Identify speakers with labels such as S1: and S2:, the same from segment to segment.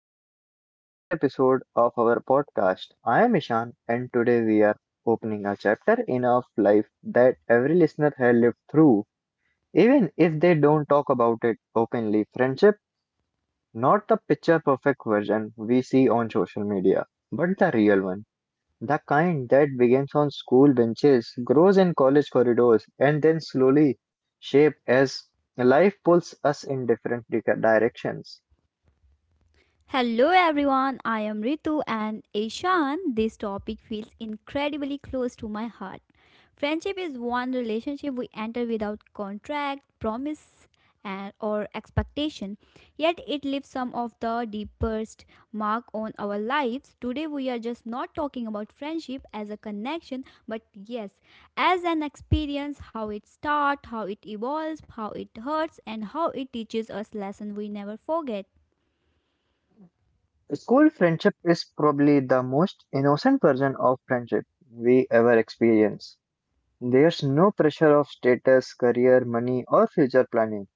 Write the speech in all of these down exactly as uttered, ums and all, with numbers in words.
S1: welcome to another episode of our podcast. I am Ishan, and today we are opening a chapter in of life that every listener has lived through, even if they don't talk about it openly. Friendship, not the picture perfect version we see on social media, but the real one. The kind that begins on school benches, grows in college corridors, and then slowly shapes as life pulls us in different di- directions.
S2: Hello everyone, I am Ritu and Ishan. This topic feels incredibly close to my heart. Friendship is one relationship we enter without contract, promise, and or expectation. Yet it leaves some of the deepest mark on our lives. Today we are just not talking about friendship as a connection, but yes, as an experience, how it starts, how it evolves, how it hurts, and how it teaches us lesson we never forget.
S1: School friendship is probably the most innocent version of friendship we ever experience. There's no pressure of status, career, money, or future planning.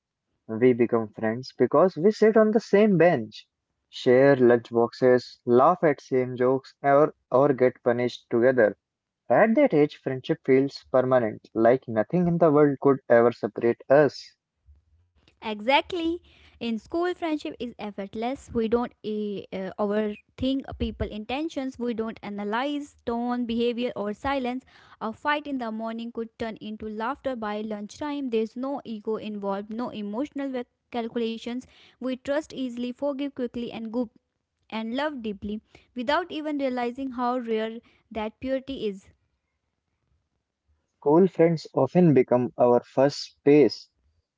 S1: We become friends because we sit on the same bench, share lunch boxes, laugh at same jokes, or, or get punished together. At that age, friendship feels permanent, like nothing in the world could ever separate us.
S2: Exactly. In school, friendship is effortless. We don't eh, uh, overthink people' intentions. We don't analyze tone, behavior, or silence. A fight in the morning could turn into laughter by lunchtime. There's no ego involved, no emotional cal- calculations. We trust easily, forgive quickly, and go and love deeply without even realizing how rare that purity is.
S1: School friends often become our first space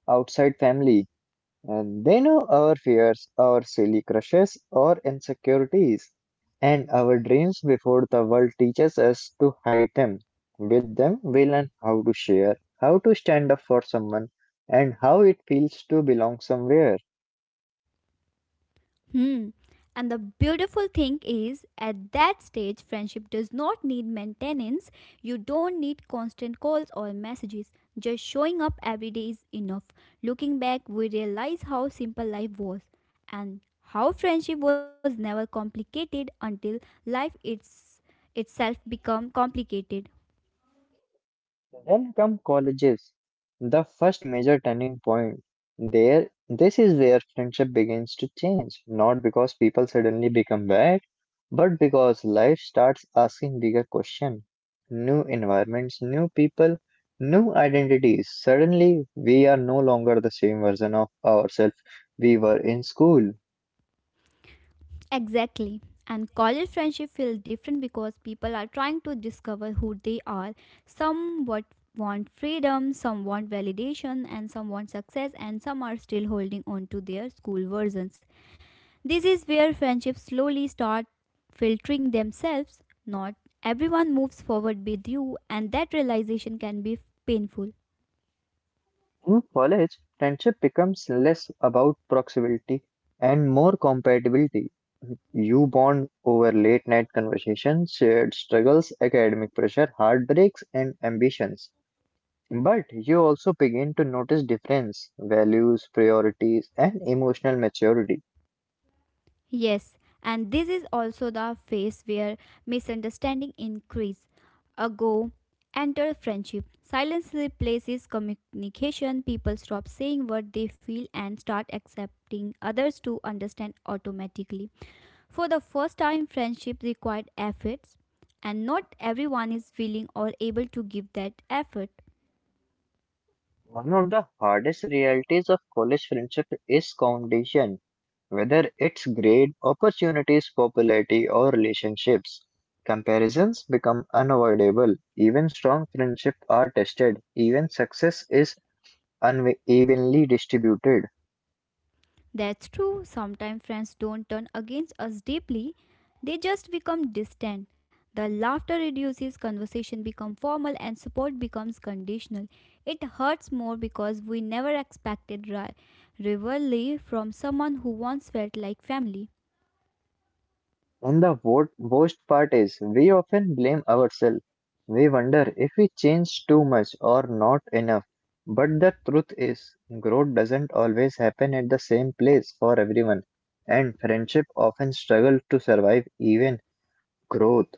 S1: outside family. And they know our fears, our silly crushes, our insecurities, and our dreams before the world teaches us to hide them. With them, we learn how to share, how to stand up for someone, and how it feels to belong somewhere.
S2: Hmm. And the beautiful thing is, at that stage, friendship does not need maintenance. You don't need constant calls or messages. Just showing up every day is enough. Looking back, we realize how simple life was and how friendship was never complicated until life it's, itself become complicated.
S1: Then come colleges, the first major turning point. There, this is where friendship begins to change, not because people suddenly become bad, but because life starts asking bigger questions. New environments, new people, new identities. Suddenly, we are no longer the same version of ourselves we were in school.
S2: Exactly. And college friendship feels different because people are trying to discover who they are. Some what want freedom, some want validation, and some want success, and some are still holding on to their school versions. This is where friendships slowly start filtering themselves. Not everyone moves forward with you, and that realization can be painful.
S1: In college, friendship becomes less about proximity and more compatibility. You bond over late night conversations, shared struggles, academic pressure, heartbreaks, and ambitions. But you also begin to notice difference, values, priorities, and emotional maturity.
S2: Yes, and this is also the phase where misunderstanding increase. Ago, enter friendship. Silence replaces communication. People stop saying what they feel and start accepting others to understand automatically. For the first time, friendship required efforts, and not everyone is willing or able to give that effort.
S1: One of the hardest realities of college friendship is foundation, whether it's grade, opportunities, popularity, or relationships. Comparisons become unavoidable. Even strong friendships are tested. Even success is unevenly distributed.
S2: That's true. Sometimes friends don't turn against us deeply. They just become distant. The laughter reduces, conversation becomes formal and support becomes conditional. It hurts more because we never expected ri- rivalry from someone who once felt like family.
S1: And the wo- worst part is, we often blame ourselves. We wonder if we change too much or not enough. But the truth is, growth doesn't always happen at the same place for everyone, and friendship often struggle to survive even growth.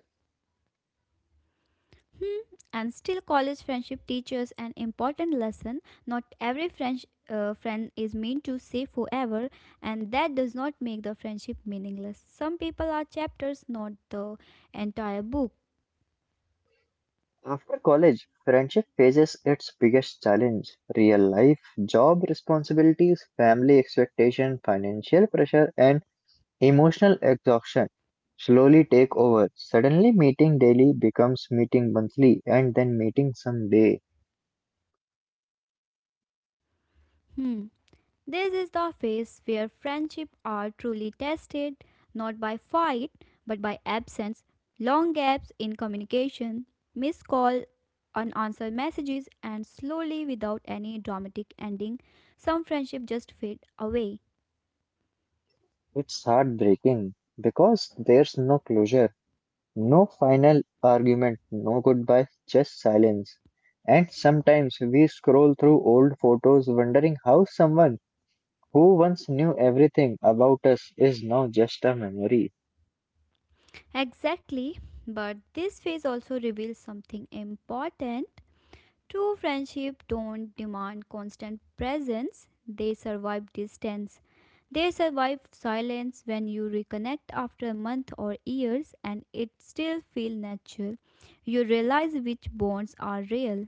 S2: Hmm. And still, college friendship teaches an important lesson. Not every French, uh, friend is meant to stay forever, and that does not make the friendship meaningless. Some people are chapters, not the entire book.
S1: After college, friendship faces its biggest challenge: real life, job responsibilities, family expectation, financial pressure, and emotional exhaustion slowly take over. Suddenly, meeting daily becomes meeting monthly and then meeting someday.
S2: Hmm. This is the phase where friendship are truly tested, not by fight, but by absence, long gaps in communication, missed call, unanswered messages, and slowly, without any dramatic ending, some friendships just fade away.
S1: It's heartbreaking because there's no closure, no final argument, no goodbye, just silence. And sometimes we scroll through old photos wondering how someone who once knew everything about us is now just a memory.
S2: Exactly, but this phase also reveals something important. True friendship don't demand constant presence, they survive distance. They survive silence when you reconnect after a month or years and it still feels natural. You realize which bonds are real.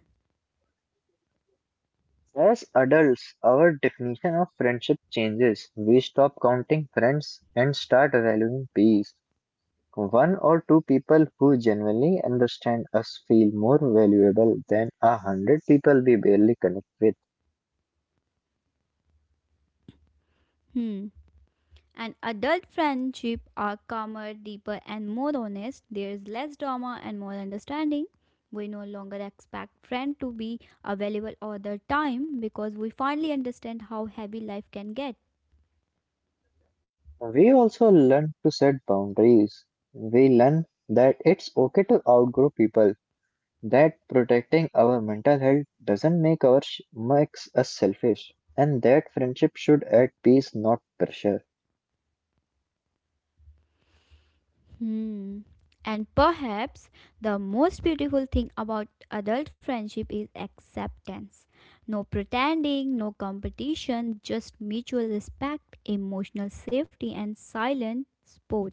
S1: As adults, our definition of friendship changes. We stop counting friends and start valuing peace. One or two people who genuinely understand us feel more valuable than a hundred people we barely connect with.
S2: Hmm. And adult friendship are calmer, deeper, and more honest. There is less drama and more understanding. We no longer expect friend to be available all the time because we finally understand how heavy life can get.
S1: We also learn to set boundaries. We learn that it's okay to outgrow people, that protecting our mental health doesn't make our sh- makes us selfish, and that friendship should add peace, not pressure.
S2: Hmm. And perhaps the most beautiful thing about adult friendship is acceptance. No pretending, no competition, just mutual respect, emotional safety, and silent support.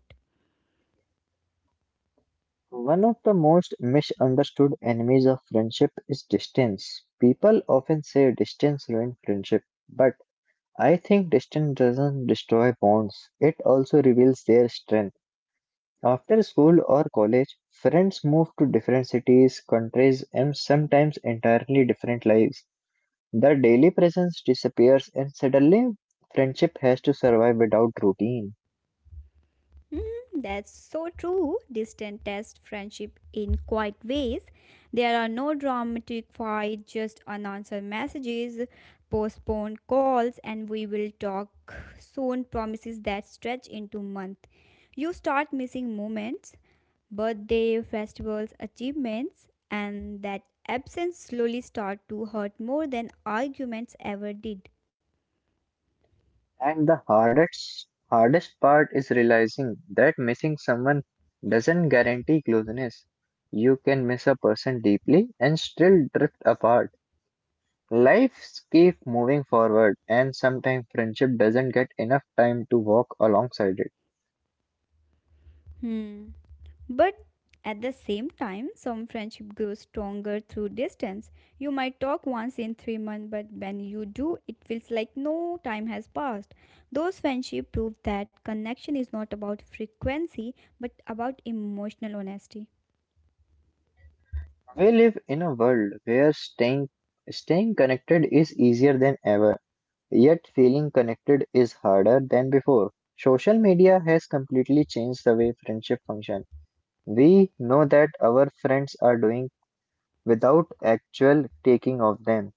S1: One of the most misunderstood enemies of friendship is distance. People often say distance ruins friendship, but I think distance doesn't destroy bonds, it also reveals their strength. After school or college, friends move to different cities, countries, and sometimes entirely different lives. The daily presence disappears, and suddenly friendship has to survive without routine.
S2: Mm, that's so true. Distant test friendship in quiet ways. There are no dramatic fights, just unanswered messages, postponed calls, and we will talk soon promises that stretch into month. You start missing moments, birthday, festivals, achievements, and that absence slowly start to hurt more than arguments ever did.
S1: And the hardest hardest part is realizing that missing someone doesn't guarantee closeness. You can miss a person deeply and still drift apart. Lives keep moving forward, and sometimes friendship doesn't get enough time to walk alongside it.
S2: Hmm. But at the same time, some friendship grows stronger through distance. You might talk once in three months, but when you do, it feels like no time has passed. Those friendships prove that connection is not about frequency, but about emotional honesty.
S1: We live in a world where staying staying connected is easier than ever. Yet feeling connected is harder than before. Social media has completely changed the way friendship function. We know that our friends are doing without actual taking of them.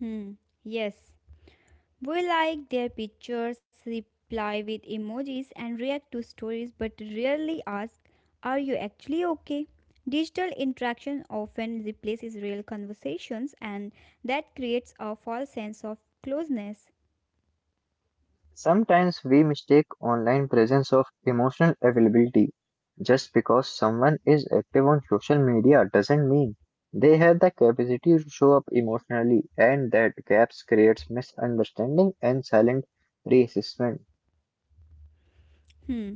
S2: Hmm. Yes. We like their pictures, reply with emojis, and react to stories, but rarely ask, are you actually okay? Digital interaction often replaces real conversations, and that creates a false sense of closeness.
S1: Sometimes we mistake online presence of emotional availability. Just because someone is active on social media doesn't mean they have the capacity to show up emotionally, and that gaps creates misunderstanding and silent resistance.
S2: Hmm.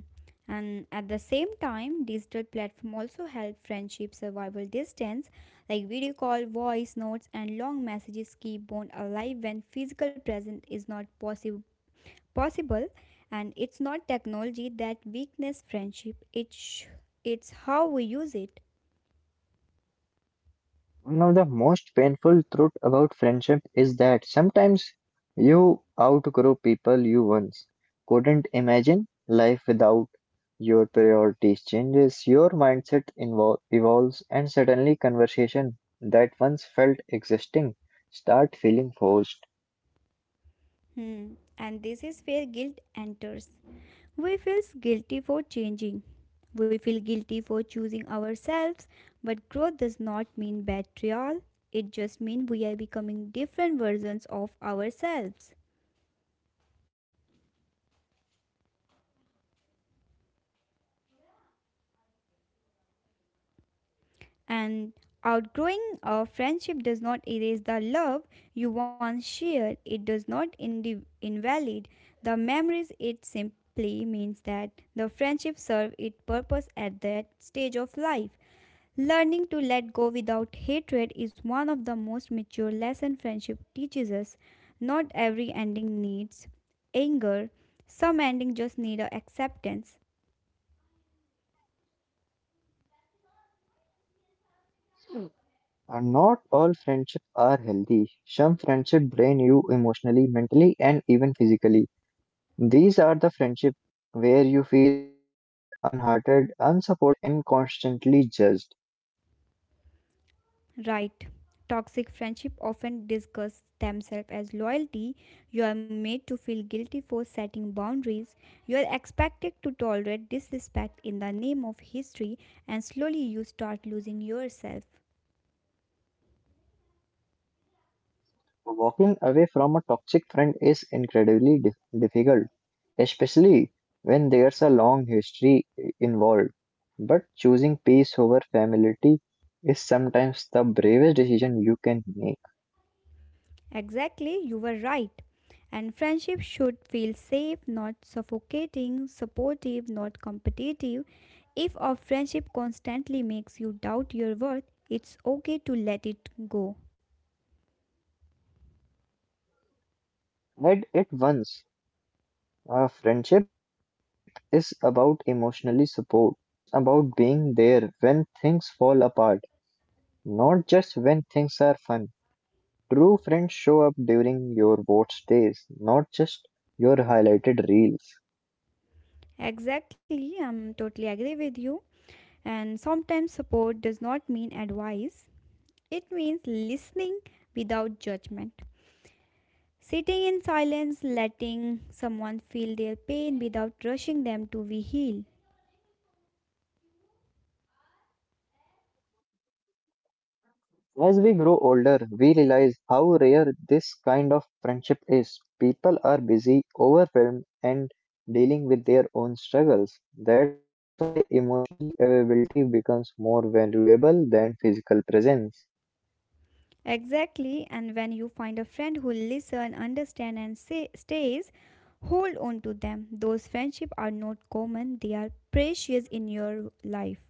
S2: And at the same time, digital platform also help friendship survival distance, like video call, voice notes, and long messages keep bond alive when physical presence is not possible possible. And it's not technology that weakness friendship, it's sh- it's how we use it.
S1: One of the most painful truth about friendship is that sometimes you outgrow people you once couldn't imagine life without. Your priorities changes, your mindset invol evolves, and suddenly conversation that once felt existing start feeling forced.
S2: Hmm. And this is where guilt enters. We feel guilty for changing, we feel guilty for choosing ourselves, but growth does not mean betrayal. It just means we are becoming different versions of ourselves. And outgrowing a friendship does not erase the love you once shared. It does not indi- invalid the memories. It simply means that the friendship served its purpose at that stage of life. Learning to let go without hatred is one of the most mature lessons friendship teaches us. Not every ending needs anger. Some endings just need a acceptance.
S1: And not all friendships are healthy. Some friendship drain you emotionally, mentally, and even physically. These are the friendships where you feel unhearted, unsupported, and constantly judged.
S2: Right. Toxic friendship often discuss themselves as loyalty. You are made to feel guilty for setting boundaries. You are expected to tolerate disrespect in the name of history, and slowly you start losing yourself.
S1: Walking away from a toxic friend is incredibly dif- difficult, especially when there's a long history i- involved. But choosing peace over familiarity is sometimes the bravest decision you can make.
S2: Exactly, you were right. And friendship should feel safe, not suffocating, supportive, not competitive. If a friendship constantly makes you doubt your worth, it's okay to let it go.
S1: At it once, a friendship is about emotionally support. It's about being there when things fall apart, not just when things are fun. True friends show up during your worst days, not just your highlighted reels.
S2: Exactly, I'm totally agree with you. And sometimes support does not mean advice. It means listening without judgment. Sitting in silence, letting someone feel their pain without rushing them to be healed.
S1: As we grow older, we realize how rare this kind of friendship is. People are busy, overwhelmed, and dealing with their own struggles. That's why emotionally availability becomes more valuable than physical presence.
S2: Exactly, and when you find a friend who listen, understand and say, stays, hold on to them. Those friendships are not common, they are precious in your life.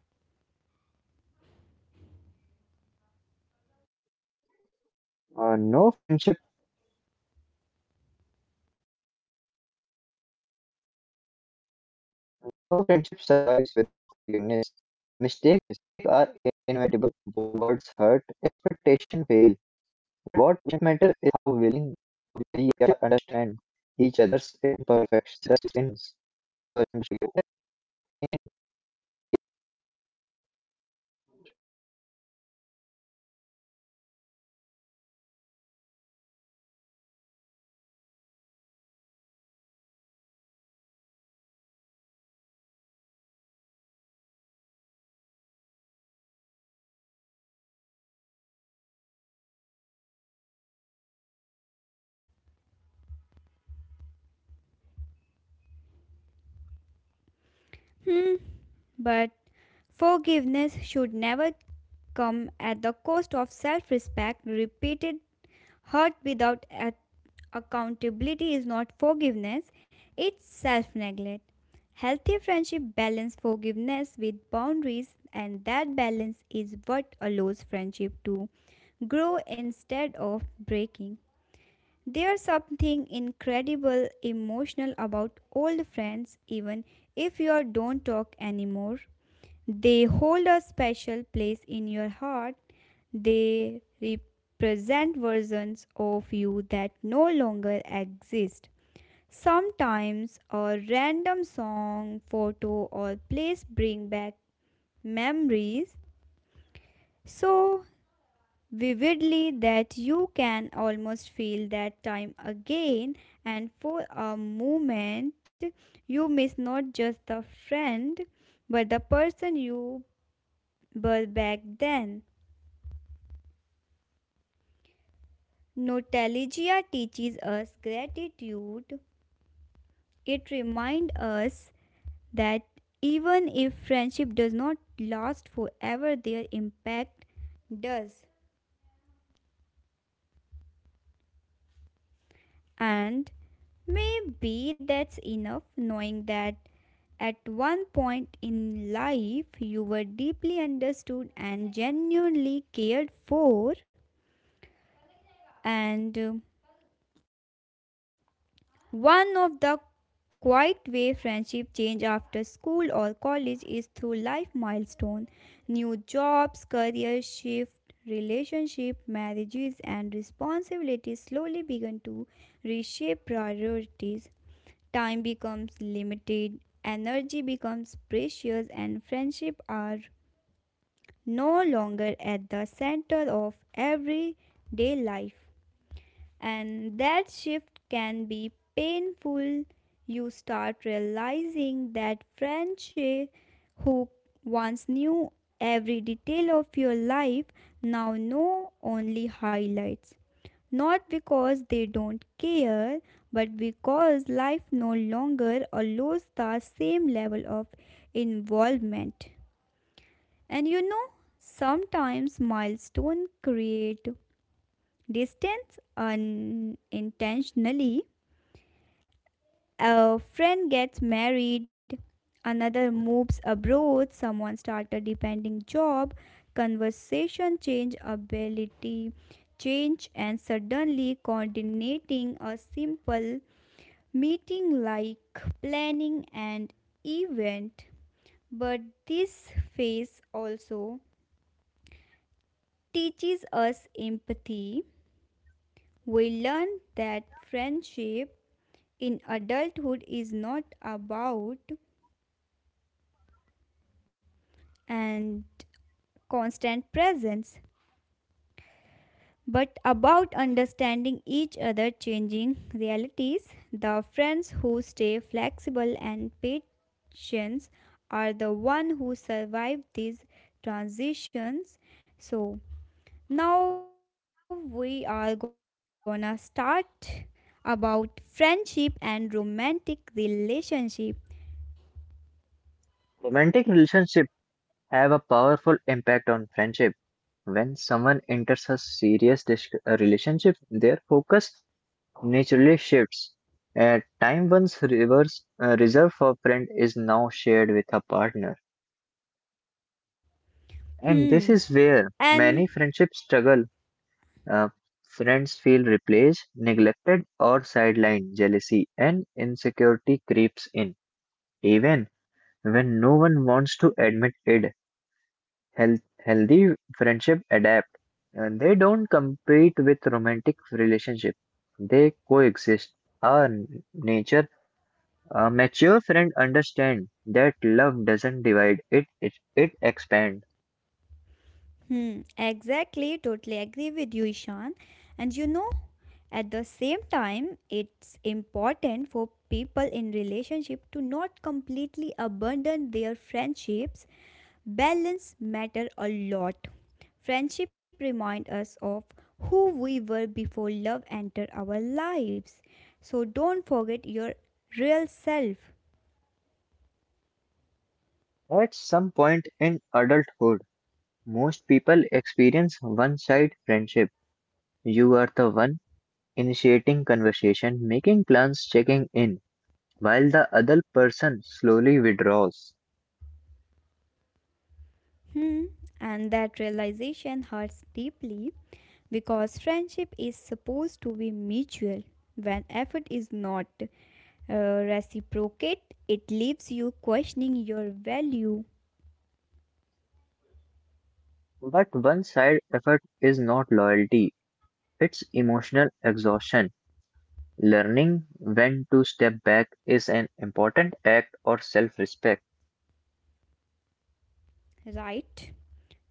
S1: Uh, no friendship No friendship survives without forgiveness. Mistakes are inevitable. Wo- words hurt. Expectations fail. What matter is how willing we are understand each other's imperfections.
S2: Hmm. But forgiveness should never come at the cost of self respect. Repeated hurt without a- accountability is not forgiveness, it's self neglect. Healthy friendship balance forgiveness with boundaries, and that balance is what allows friendship to grow instead of breaking. There's something incredible emotional about old friends, even if you don't talk anymore. They hold a special place in your heart. They represent versions of you that no longer exist. Sometimes a random song, photo, or place bring back memories. So vividly that you can almost feel that time again, and for a moment you miss not just the friend, but the person you were back then. Nostalgia teaches us gratitude. It reminds us that even if friendship does not last forever, their impact does. And maybe that's enough, knowing that at one point in life you were deeply understood and genuinely cared for. And um, one of the quiet way friendship change after school or college is through life milestone, new jobs, career shift, relationship, marriages and responsibilities slowly begin to reshape priorities. Time becomes limited, energy becomes precious, and friendships are no longer at the center of everyday life. And that shift can be painful. You start realizing that friendship who once knew every detail of your life now know only highlights. Not because they don't care, but because life no longer allows the same level of involvement. And you know, sometimes milestones create distance unintentionally. A friend gets married, another moves abroad, someone starts a depending job, conversation change, ability change, and suddenly coordinating a simple meeting like planning an event. But this phase also teaches us empathy. We learn that friendship in adulthood is not about and constant presence, but about understanding each other changing realities. The friends who stay flexible and patient are the one who survive these transitions. What about friendship and romantic relationship? Hmm. And hmm, exactly, totally agree with you, Ishan. And you know, at the same time, it's important for people in relationship to not completely abandon their friendships. Balance matter a lot. Friendship remind us of who we were before love entered our lives. So don't forget your real self. Hmm. And that realization hurts deeply because friendship is supposed to be mutual. When effort is not uh, reciprocate, it leaves you questioning your value, right?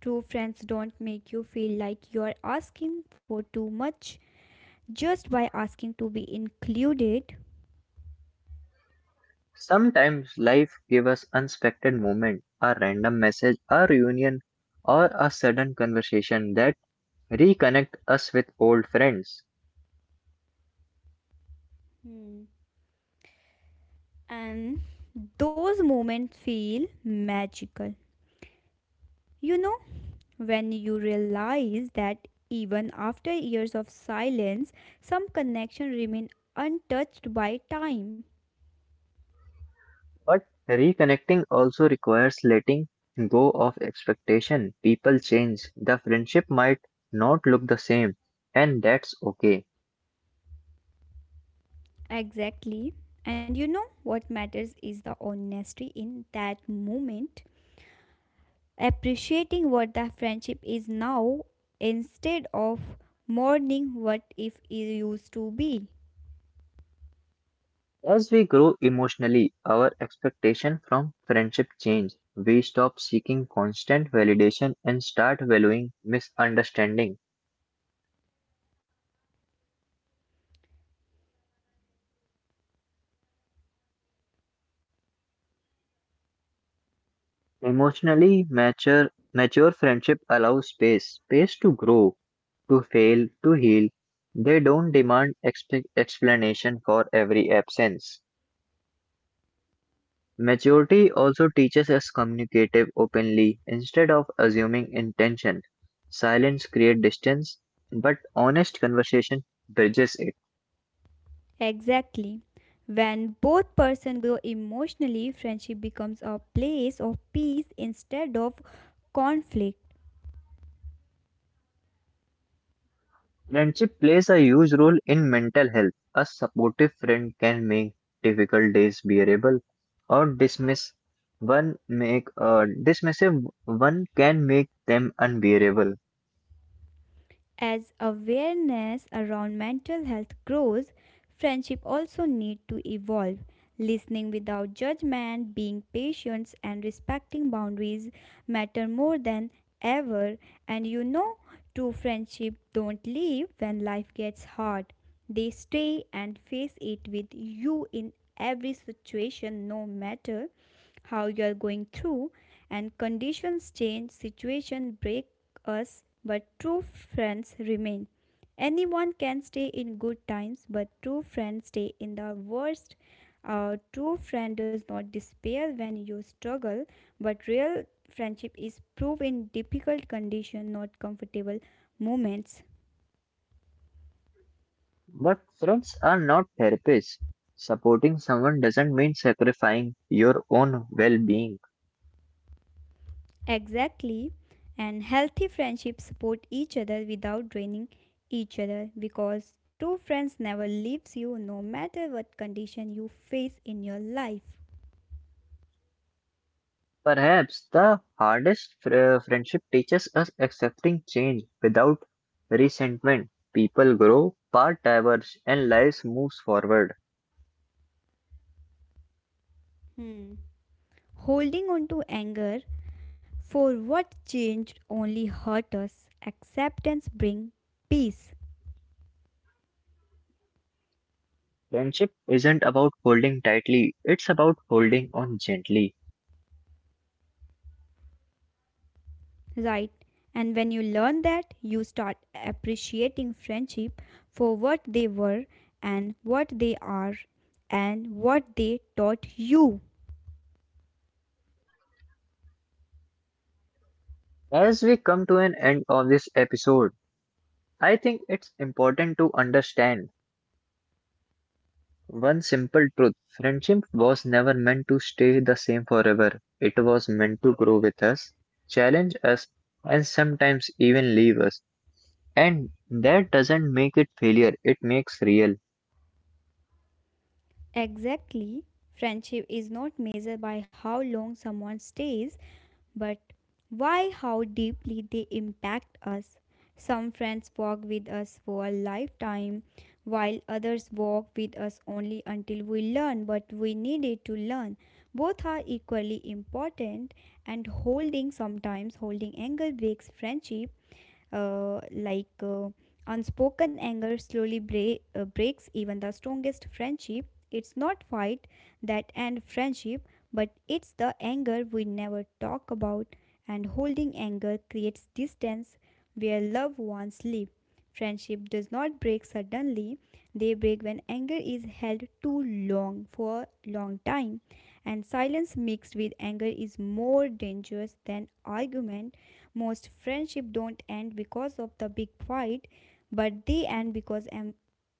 S2: True friends don't make you feel like you're asking for too much, just by asking to be included. Hmm. And those moments feel magical. You know, when you realize that even after years of silence, some connection remain untouched by time. Exactly. And you know what matters is the honesty in that moment, appreciating what the friendship is now instead of mourning what if it used to be. Exactly. When both person grow emotionally, friendship becomes a place of peace instead of conflict. As awareness around mental health grows, friendship also need to evolve. Listening without judgment, being patient and respecting boundaries matter more than ever. And you know, true friendship don't leave when life gets hard. They stay and face it with you in every situation no matter how you are going through. And conditions change, situation break us, but true friends remain. Anyone can stay in good times, but true friends stay in the worst. A true friend does not despair when you struggle, but real friendship is proved in difficult conditions, not comfortable moments. Exactly. And healthy friendships support each other without draining each other because true friends never leaves you no matter what condition you face in your life. Hmm. Holding on to anger for what changed only hurt us. Acceptance brings peace, right? And when you learn that, you start appreciating friendship for what they were and what they are and what they taught you. Exactly. Friendship is not measured by how long someone stays, but why how deeply they impact us. Some friends walk with us for a lifetime, while others walk with us only until we learn what we needed to learn. Both are equally important, and holding sometimes holding anger breaks friendship. uh, like uh, Unspoken anger slowly break, uh, breaks even the strongest friendship. It's not fight that end friendship, but it's the anger we never talk about. And holding anger creates distance where loved ones live. Friendship does not break suddenly; they break when anger is held too long for a long time. And silence mixed with anger is more dangerous than argument. Most friendship don't end because of the big fight, but they end because am-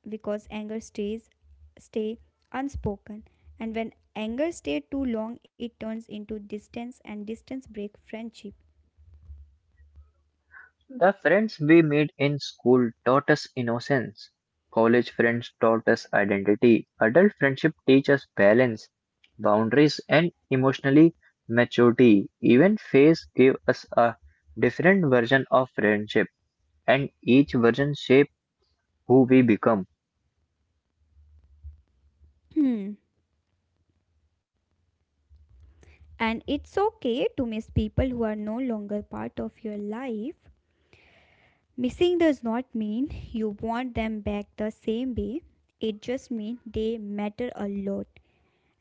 S2: because anger stays stay unspoken. And when anger stays too long, it turns into distance, and distance break friendship. Hmm. And it's okay to miss people who are no longer part of your life. Missing does not mean you want them back the same way. It just means they matter a lot.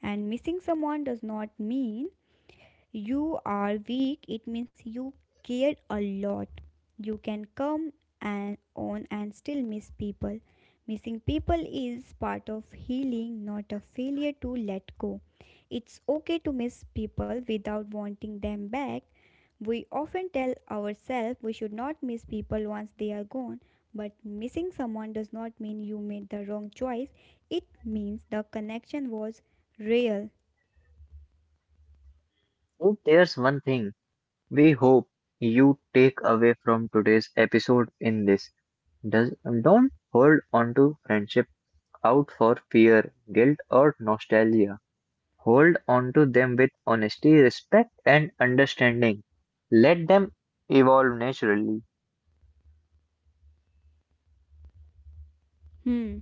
S2: And missing someone does not mean you are weak, it means you cared a lot. You can come and on and still miss people. Missing people is part of healing, not a failure to let go. It's okay to miss people without wanting them back. We often tell ourselves we should not miss people once they are gone, but missing someone does not mean you made the wrong choice. It means the connection was real. Hmm.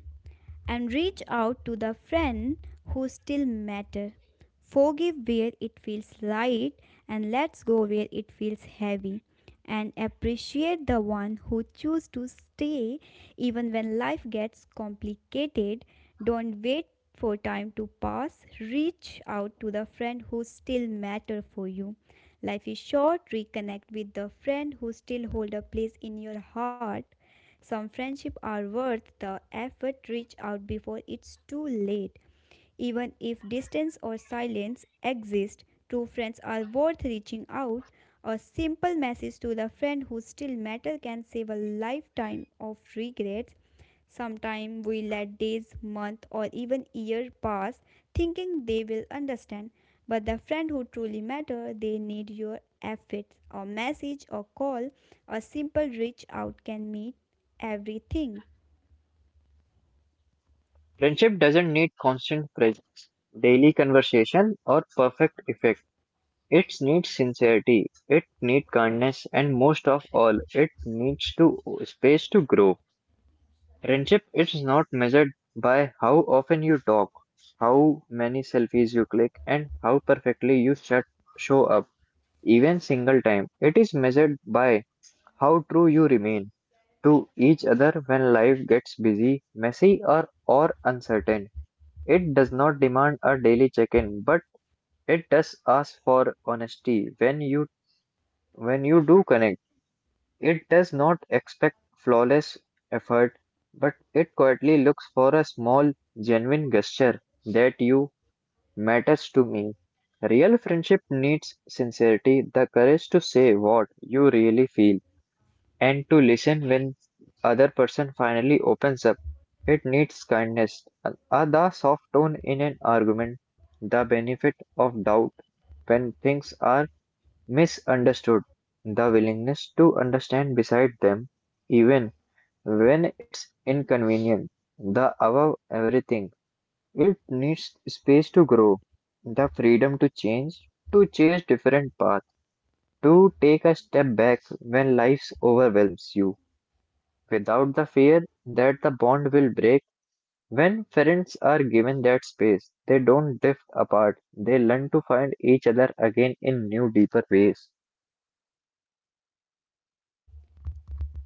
S2: And reach out to the friend who still matter. Forgive where it feels light and let's go where it feels heavy. And appreciate the one who choose to stay even when life gets complicated. Don't wait for time to pass. Reach out to the friend who still matter for you. Life is short. Reconnect with the friend who still hold a place in your heart. Some friendships are worth the effort, reach out before it's too late. Even if distance or silence exist, true friends are worth reaching out. A simple message to the friend who still matters can save a lifetime of regrets. Sometimes we let days, month, or even year pass thinking they will understand. But the friend who truly matter, they need your efforts. A message, a call, a simple reach out can mean everything.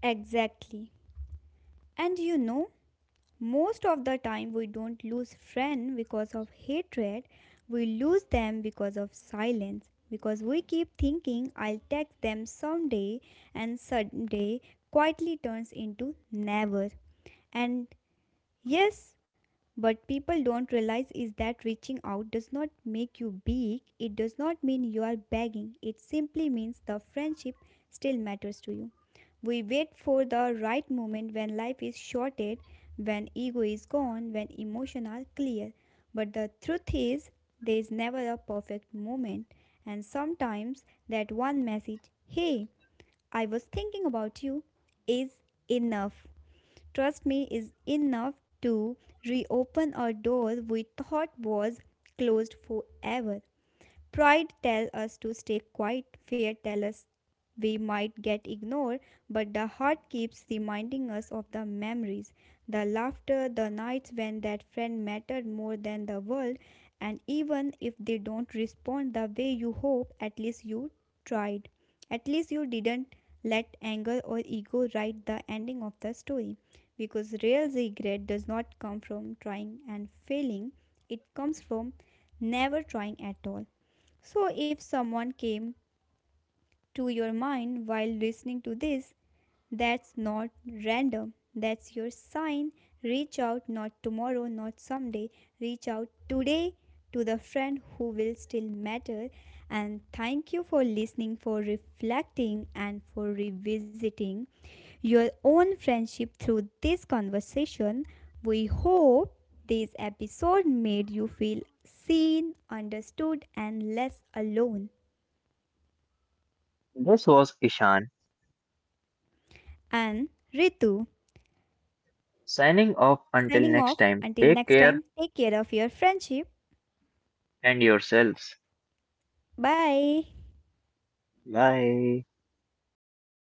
S2: Exactly. And you know, Most of the time, we don't lose friends because of hatred. We lose them because of silence. Because we keep thinking, I'll text them someday, and someday quietly turns into never. And yes, but people don't realize is that reaching out does not make you big. It does not mean you are begging. It simply means the friendship still matters to you. We wait for the right moment when life is shorted, when ego is gone, when emotions are clear. But the truth is, there is never a perfect moment, and sometimes that one message, hey, I was thinking about you, is enough. Trust me, is enough to reopen a door we thought was closed forever. Pride tells us to stay quiet, fear tells us we might get ignored, but the heart keeps reminding us of the memories, the laughter, the nights when that friend mattered more than the world. And even if they don't respond the way you hope, at least you tried. At least you didn't let anger or ego write the ending of the story. Because real regret does not come from trying and failing, it comes from never trying at all. So, if someone came to your mind while listening to this, that's not random. That's your sign. Reach out, not tomorrow, not someday. Reach out today to the friend who will still matter. And thank you for listening, for reflecting, and for revisiting your own friendship through this conversation. We hope this episode made you feel seen, understood, and less alone. And Ritu, signing off. Until next time, take care of your friendship. Bye.